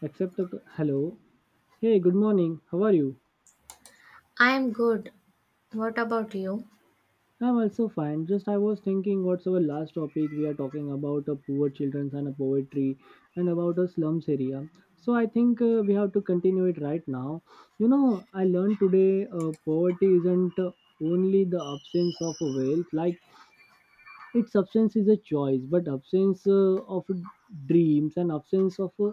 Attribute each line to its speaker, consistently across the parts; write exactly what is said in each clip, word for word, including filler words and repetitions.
Speaker 1: Except the hello. Hey, good morning. How are you?
Speaker 2: I am good. What about you?
Speaker 1: I'm also fine. Just I was thinking what's our last topic we are talking about a poor children's and a poetry and about a slums area. So I think uh, we have to continue it right now. You know, I learned today uh, poverty isn't uh, only the absence of a wealth like its absence is a choice, but absence uh, of dreams and absence of uh,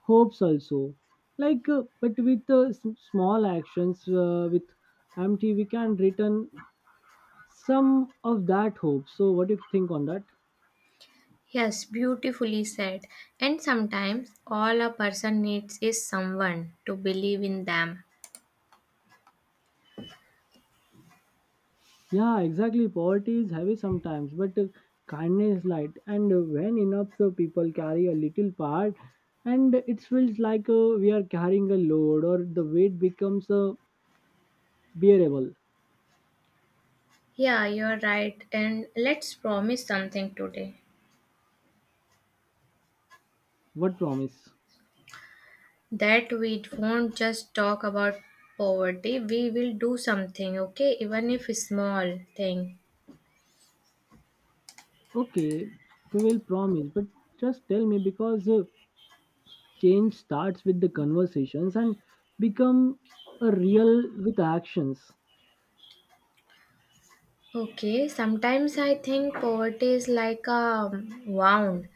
Speaker 1: hopes also. Like, uh, but with uh, s- small actions, uh, with empty, we can return some of that hope. So, what do you think on that?
Speaker 2: Yes, beautifully said. And sometimes all a person needs is someone to believe in them.
Speaker 1: Yeah, exactly. Poverty is heavy sometimes, but uh, kindness is light. And uh, when enough so people carry a little part, and it feels like uh, we are carrying a load, or the weight becomes uh, bearable.
Speaker 2: Yeah, you're right. And let's promise something today
Speaker 1: What promise?
Speaker 2: that we won't just talk about poverty, we will do something, okay? Even if it's small thing.
Speaker 1: Okay, we will promise, but just tell me because uh, change starts with the conversations and become a real with actions.
Speaker 2: Okay, sometimes I think poverty is like a wound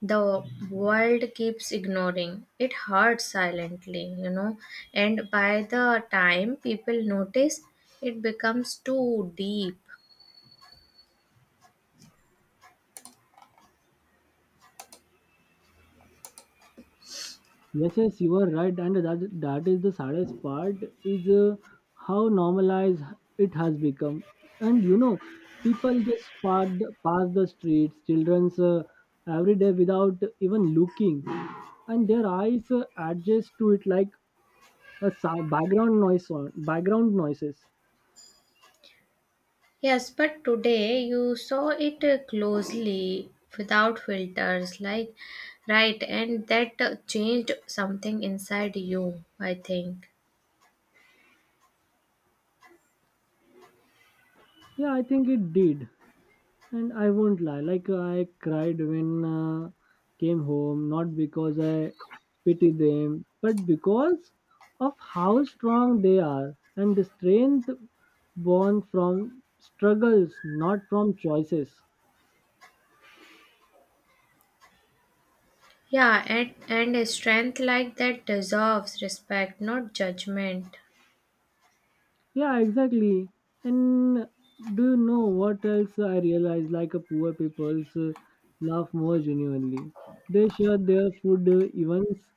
Speaker 2: the world keeps ignoring. It hurts silently, you know and by the time people notice, it becomes too deep.
Speaker 1: Yes, yes, you are right, and that that is the saddest part is uh, how normalized it has become. And you know, people just pass the, pass the streets, childrens uh, every day without even looking, and their eyes uh, adjust to it like a sou- background noise on background noises.
Speaker 2: Yes, but today you saw it uh, closely, without filters, like, right? And that uh, changed something inside you, I think.
Speaker 1: Yeah, I think it did. And I won't lie, like I cried when uh, came home, not because I pity them, but because of how strong they are and the strength born from struggles, not from choices.
Speaker 2: Yeah, and and a strength like that deserves respect, not judgment.
Speaker 1: Yeah, exactly. And do you know what else I realized? Like a poor people's uh, laugh more genuinely. They share their food uh, events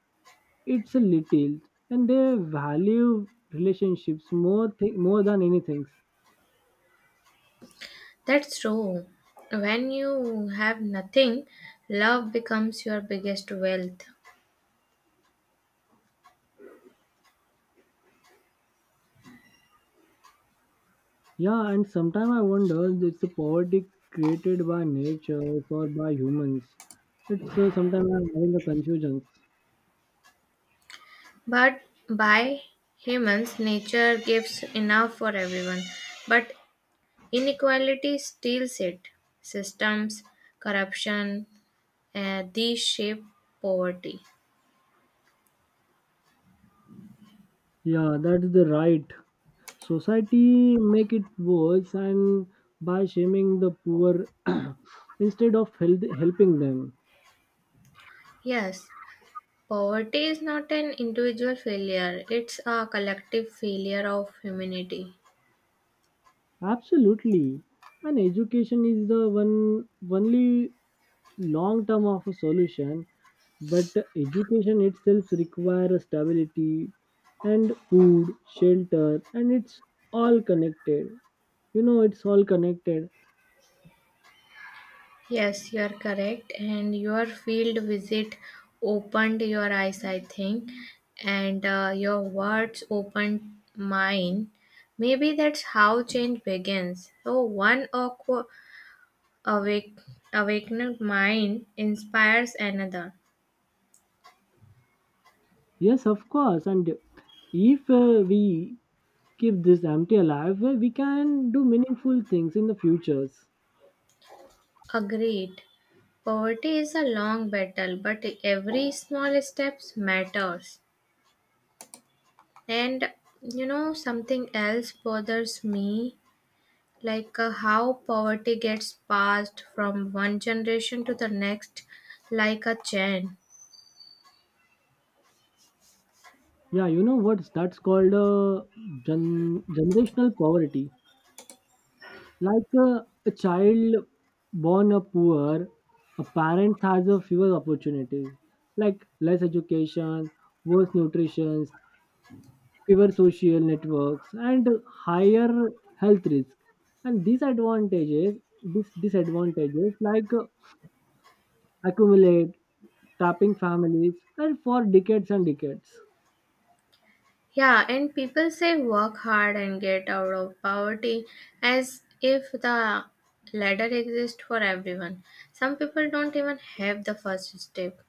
Speaker 1: it's a little, and they value relationships more th- more than anything.
Speaker 2: That's true. When you have nothing, love becomes your biggest wealth.
Speaker 1: Yeah, and sometimes I wonder if it's a poverty created by nature or by humans. It's uh, sometimes I'm having a confusion.
Speaker 2: But by humans. Nature gives enough for everyone, but inequality steals it. Systems, corruption, uh, these shape poverty.
Speaker 1: Yeah, that is the right. Society make it worse and by shaming the poor instead of help- helping them.
Speaker 2: Yes, poverty is not an individual failure, it's a collective failure of humanity.
Speaker 1: Absolutely. And education is the one only long term of a solution, but education itself requires stability and food, shelter, and it's all connected. You know, it's all connected.
Speaker 2: Yes, you are correct. And your field visit opened your eyes, I think, and uh, your words opened mine. Maybe that's how change begins. So, one aqua- awake, awakened mind inspires another.
Speaker 1: Yes, of course. And if uh, we keep this empty alive, uh, we can do meaningful things in the futures.
Speaker 2: Agreed. Poverty is a long battle, but every small steps matters. And you know, something else bothers me, like uh, how poverty gets passed from one generation to the next, like a chain.
Speaker 1: Yeah, you know what's that's called uh, gen- generational poverty. Like a, a child born a poor, a parent has a fewer opportunities, like less education, worse nutrition, fewer social networks, and higher health risk. And these advantages, these disadvantages, like uh, accumulate, tapping families, and for decades and decades.
Speaker 2: Yeah, and people say work hard and get out of poverty, as if the ladder exists for everyone. Some people don't even have the first step.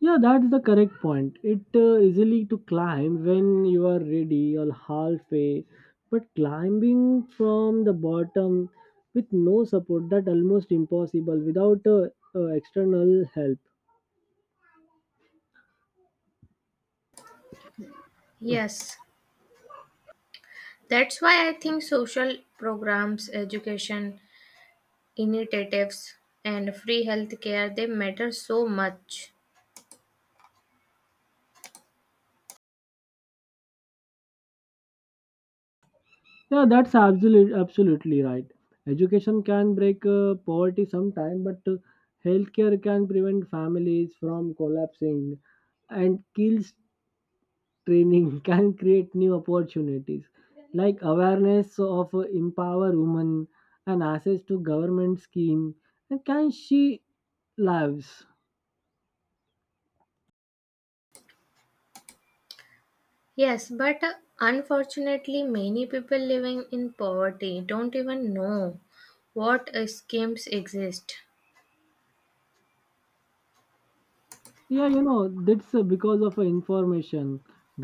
Speaker 1: Yeah, that's the correct point. It uh, easily to climb when you are ready or halfway, but climbing from the bottom with no support that almost impossible without uh, uh, external help.
Speaker 2: Yes, that's why I think social programs, education initiatives, and free healthcare, they matter so much.
Speaker 1: Yeah, that's absolutely absolutely right. Education can break uh, poverty sometime, but uh, healthcare can prevent families from collapsing and kills training can create new opportunities like awareness of uh, empower women and access to government scheme and can she lives.
Speaker 2: Yes, but uh, unfortunately, many people living in poverty don't even know what uh, schemes exist.
Speaker 1: Yeah, you know, that's uh, because of uh, information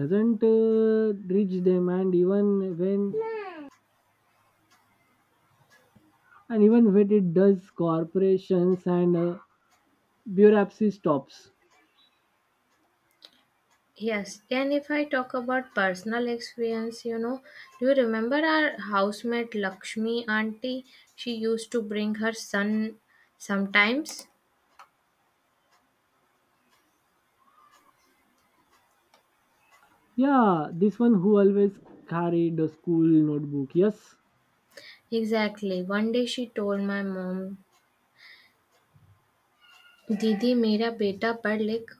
Speaker 1: doesn't uh, reach them and even when and even when it does corporations and uh, bureaucracy stops.
Speaker 2: Yes, and if I talk about personal experience, you know, do you remember our housemate Lakshmi auntie? She used to bring her son sometimes.
Speaker 1: Yeah, this one who always carried a school notebook, yes.
Speaker 2: Exactly. One day she told my mom, Didi, मेरा बेटा पढ़ लिख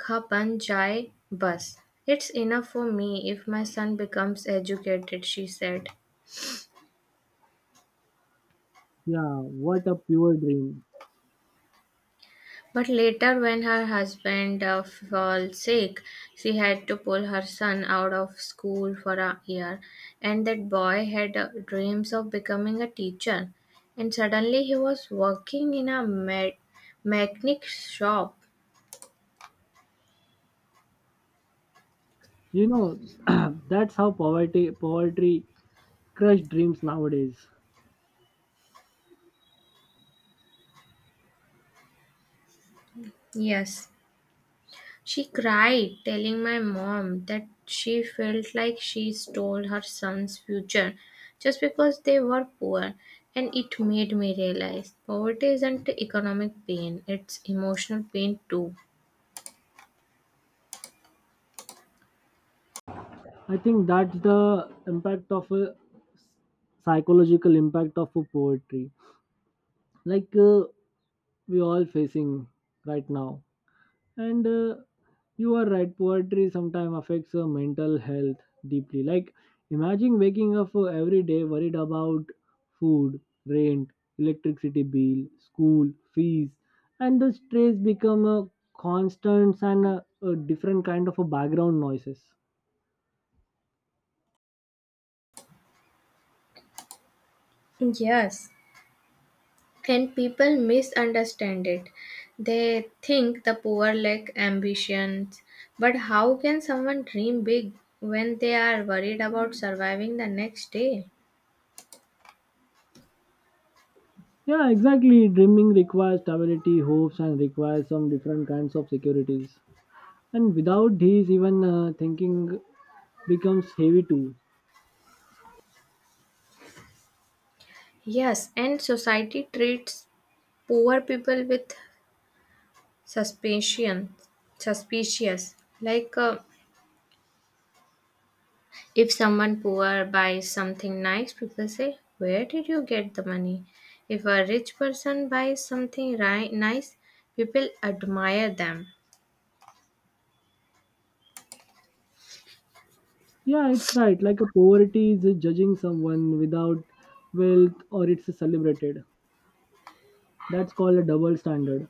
Speaker 2: खा बन जाए बस. It's enough for me if my son becomes educated, she said.
Speaker 1: Yeah, what a pure dream.
Speaker 2: But later, when her husband uh, fell sick, she had to pull her son out of school for a year. And that boy had uh, dreams of becoming a teacher. And suddenly, he was working in a me- mechanic shop.
Speaker 1: You know, that's how poverty poverty crush dreams nowadays.
Speaker 2: Yes. She cried, telling my mom that she felt like she stole her son's future just because they were poor. And it made me realize poverty isn't economic pain, it's emotional pain too.
Speaker 1: I think that's the impact of a psychological impact of a poetry, like uh, we all facing right now. And uh, you are right, poetry sometimes affects uh, mental health deeply, like imagine waking up uh, every day worried about food, rent, electricity bill, school fees, and the stress become a constant and a, a different kind of a background noises.
Speaker 2: Yes, and people misunderstand it. They think the poor lack ambitions. But how can someone dream big when they are worried about surviving the next day?
Speaker 1: Yeah, exactly, dreaming requires stability, hopes, and requires some different kinds of securities, and without these even uh, thinking becomes heavy too.
Speaker 2: Yes, and society treats poor people with suspicion, suspicious, like uh, if someone poor buys something nice, people say where did you get the money? If a rich person buys something ri- nice, people admire them.
Speaker 1: Yeah, it's right. Like a poverty is judging someone without wealth or it's celebrated. That's called a double standard.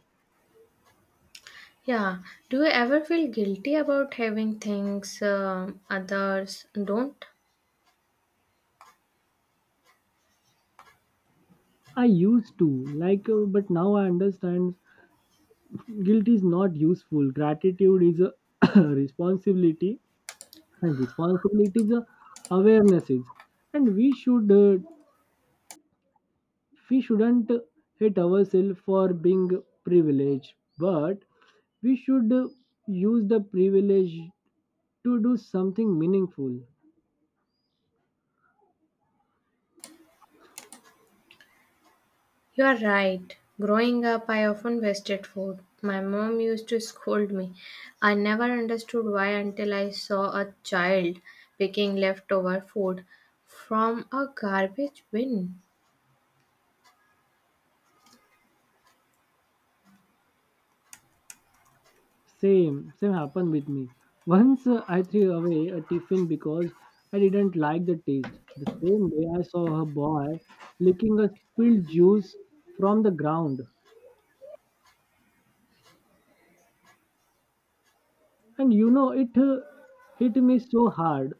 Speaker 2: Yeah, do you ever feel guilty about having things um others don't?
Speaker 1: I used to like, uh, but now I understand guilt is not useful. Gratitude is a responsibility, and responsibility is a awareness is, and we should uh, we shouldn't hate ourselves for being privileged, but we should uh, use the privilege to do something meaningful.
Speaker 2: You are right. Growing up, I often wasted food. My mom used to scold me. I never understood why until I saw a child picking leftover food from a garbage bin.
Speaker 1: Same, same happened with me. Once uh, I threw away a tiffin because I didn't like the taste. The same day I saw a boy licking a spilled juice from the ground. And you know, it uh, hit me so hard.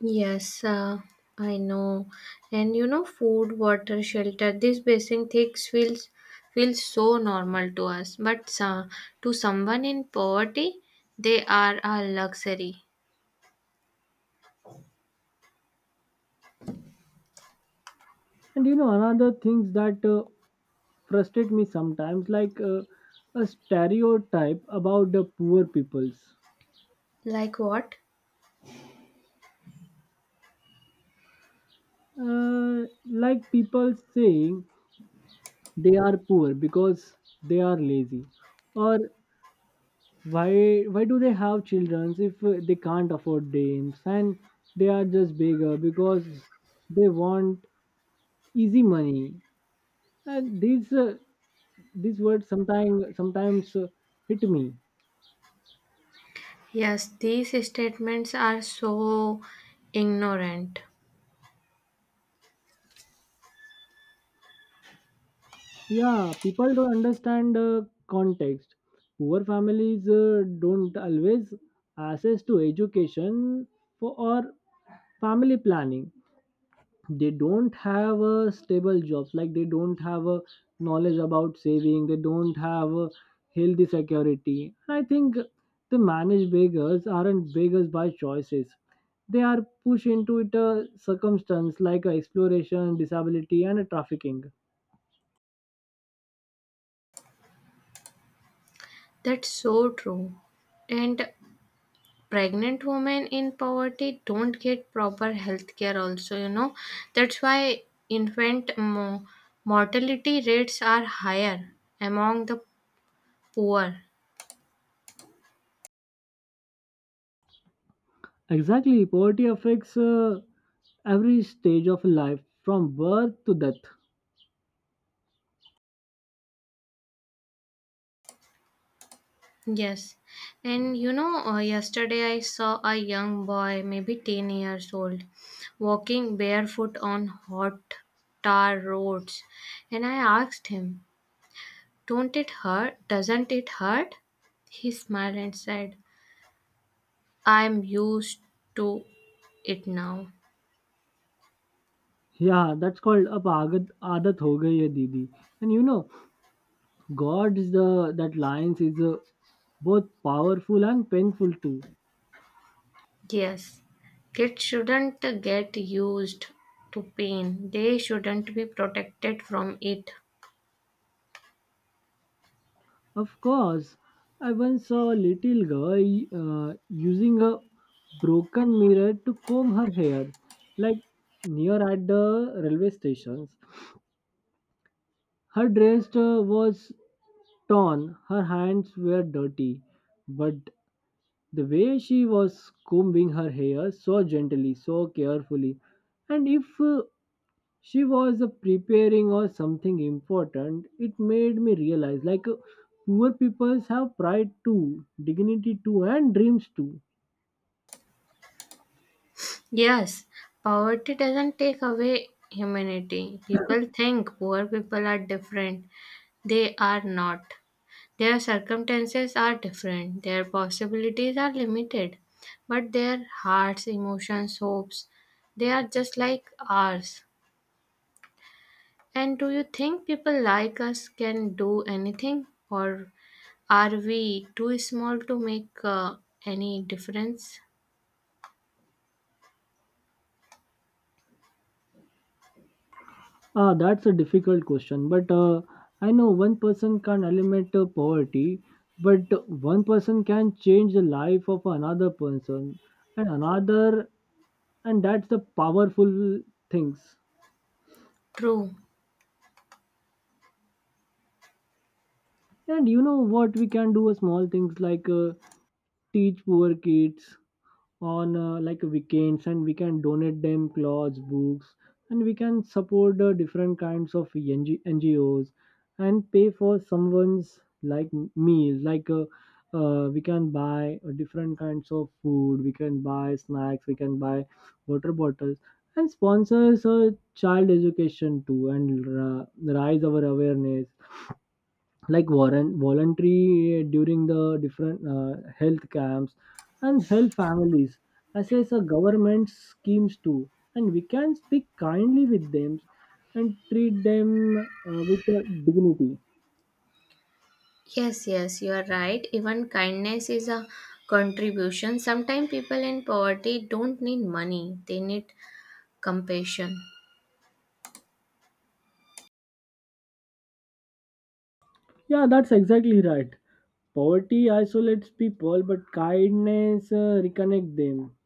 Speaker 2: Yes, uh, I know. And you know, food, water, shelter, these basic things feels feels so normal to us, but uh, to someone in poverty, they are a luxury.
Speaker 1: And you know, another things that uh, frustrate me sometimes, like uh, a stereotype about the poor peoples.
Speaker 2: Like what?
Speaker 1: Uh, like people saying they are poor because they are lazy or why why do they have children if uh, they can't afford names, and they are just bigger because they want easy money, and these uh, these words sometimes sometimes uh, hit me.
Speaker 2: Yes, these statements are so ignorant.
Speaker 1: Yeah, people don't understand uh, context. Poor families uh, don't always access to education for or family planning, they don't have a stable jobs, like they don't have a knowledge about saving, they don't have a healthy security, and I think the managed beggars aren't beggars by choices, they are pushed into it a circumstance like a exploration, disability, and a trafficking.
Speaker 2: That's so true. And pregnant women in poverty don't get proper health care, also, you know. That's why infant mo- mortality rates are higher among the poor.
Speaker 1: Exactly, poverty affects uh, every stage of life from birth to death.
Speaker 2: Yes. And you know, uh, yesterday I saw a young boy, maybe ten years old, walking barefoot on hot tar roads. And I asked him, Don't it hurt? Doesn't it hurt? He smiled and said, I'm used to it now.
Speaker 1: Yeah, that's called ab aadat, aadat ho gayi hai didi. And you know, god's the that lines is a both powerful and painful too.
Speaker 2: Yes, kids shouldn't get used to pain. They shouldn't be protected from it.
Speaker 1: Of course, I once saw a little girl uh, using a broken mirror to comb her hair, like near at the railway stations. Her dress uh, was torn, her hands were dirty, but the way she was combing her hair so gently, so carefully, and if uh, she was uh, preparing or something important, it made me realize, like uh, poor people have pride too, dignity too, and dreams too.
Speaker 2: Yes, poverty doesn't take away humanity. People think poor people are different. They are not. Their circumstances are different, their possibilities are limited, but their hearts, emotions, hopes, they are just like ours. And do you think people like us can do anything, or are we too small to make uh, any difference?
Speaker 1: Ah, that's a difficult question, but uh, I know one person can eliminate uh, poverty, but one person can change the life of another person, and another, and that's the powerful things.
Speaker 2: True.
Speaker 1: And you know what we can do, uh, small things, like uh, teach poor kids on uh, like weekends, and we can donate them clothes, books, and we can support uh, different kinds of NG- ngos, and pay for someone's, like meal, like uh, uh, we can buy uh, different kinds of food, we can buy snacks, we can buy water bottles, and sponsors uh, child education too, and ra- raise our awareness, like warren voluntary uh, during the different uh, health camps, and help families assess a government schemes too, and we can speak kindly with them and treat them uh, with uh, dignity.
Speaker 2: Yes, yes, you are right. Even kindness is a contribution. Sometimes people in poverty don't need money, they need compassion.
Speaker 1: Yeah, that's exactly right, poverty isolates people but kindness uh, reconnect them.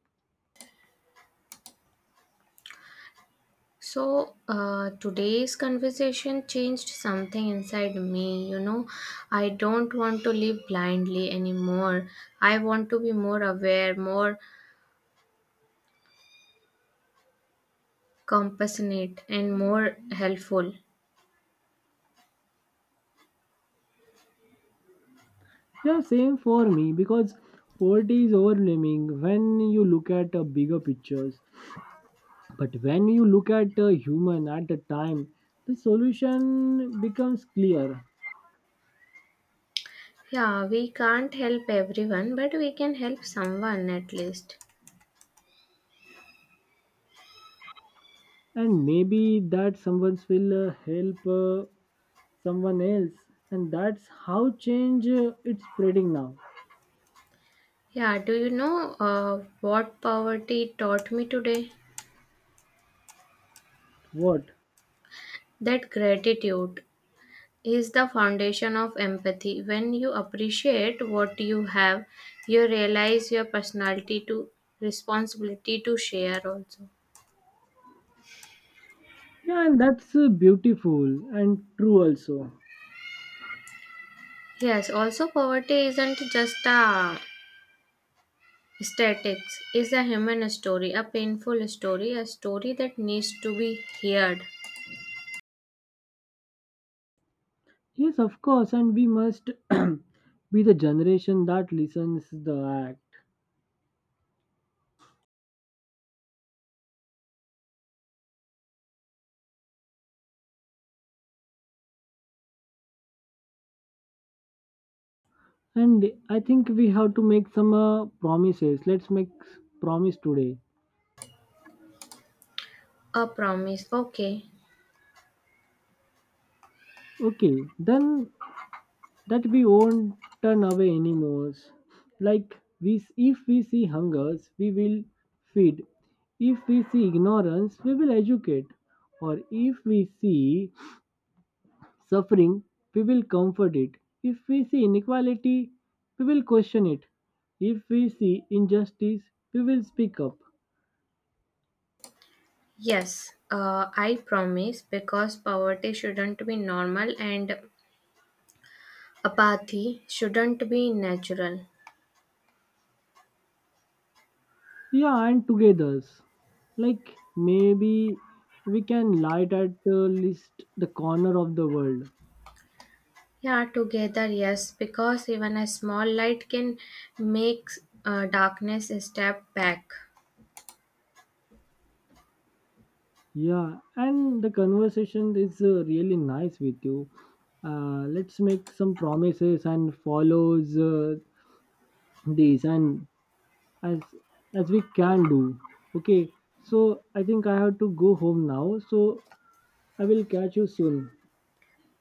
Speaker 2: So, uh, today's conversation changed something inside me. You know, I don't want to live blindly anymore. I want to be more aware, more compassionate, and more helpful.
Speaker 1: Yeah, same for me, because poverty is overwhelming when you look at a bigger pictures. But when you look at the human at the time, the solution becomes clear,
Speaker 2: Yeah, we can't help everyone, but we can help someone at least.
Speaker 1: and maybe that someone will uh, help uh, someone else, and that's how change uh, it's spreading now.
Speaker 2: Yeah, do you know uh, what poverty taught me today?
Speaker 1: What?
Speaker 2: That gratitude is the foundation of empathy. When you appreciate what you have, you realize your personality to responsibility to share also.
Speaker 1: Yeah, and that's uh, beautiful and true also.
Speaker 2: Yes, also poverty isn't just a statics, it's a human story, a painful story, a story that needs to be heard.
Speaker 1: Yes, of course, and we must be the generation that listens the act. And I think we have to make some uh, promises. Let's make promise today.
Speaker 2: A promise. Okay.
Speaker 1: Okay, then that we won't turn away anymore. Like we, if we see hungers, we will feed. If we see ignorance, we will educate. Or if we see suffering, we will comfort it. If we see inequality, we will question it. If we see injustice, we will speak up.
Speaker 2: Yes, uh, I promise because poverty shouldn't be normal and apathy shouldn't be natural.
Speaker 1: Yeah, and together. Like maybe we can light at uh, least the corner of the world.
Speaker 2: Yeah, together, yes, because even a small light can make uh, darkness a step back.
Speaker 1: Yeah, and the conversation is uh, really nice with you. Uh, let's make some promises and follows uh, these and as as we can do. Okay, so I think I have to go home now. So I will catch you soon.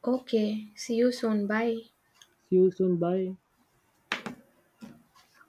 Speaker 2: Okay, see you soon. Bye.
Speaker 1: See you soon. Bye.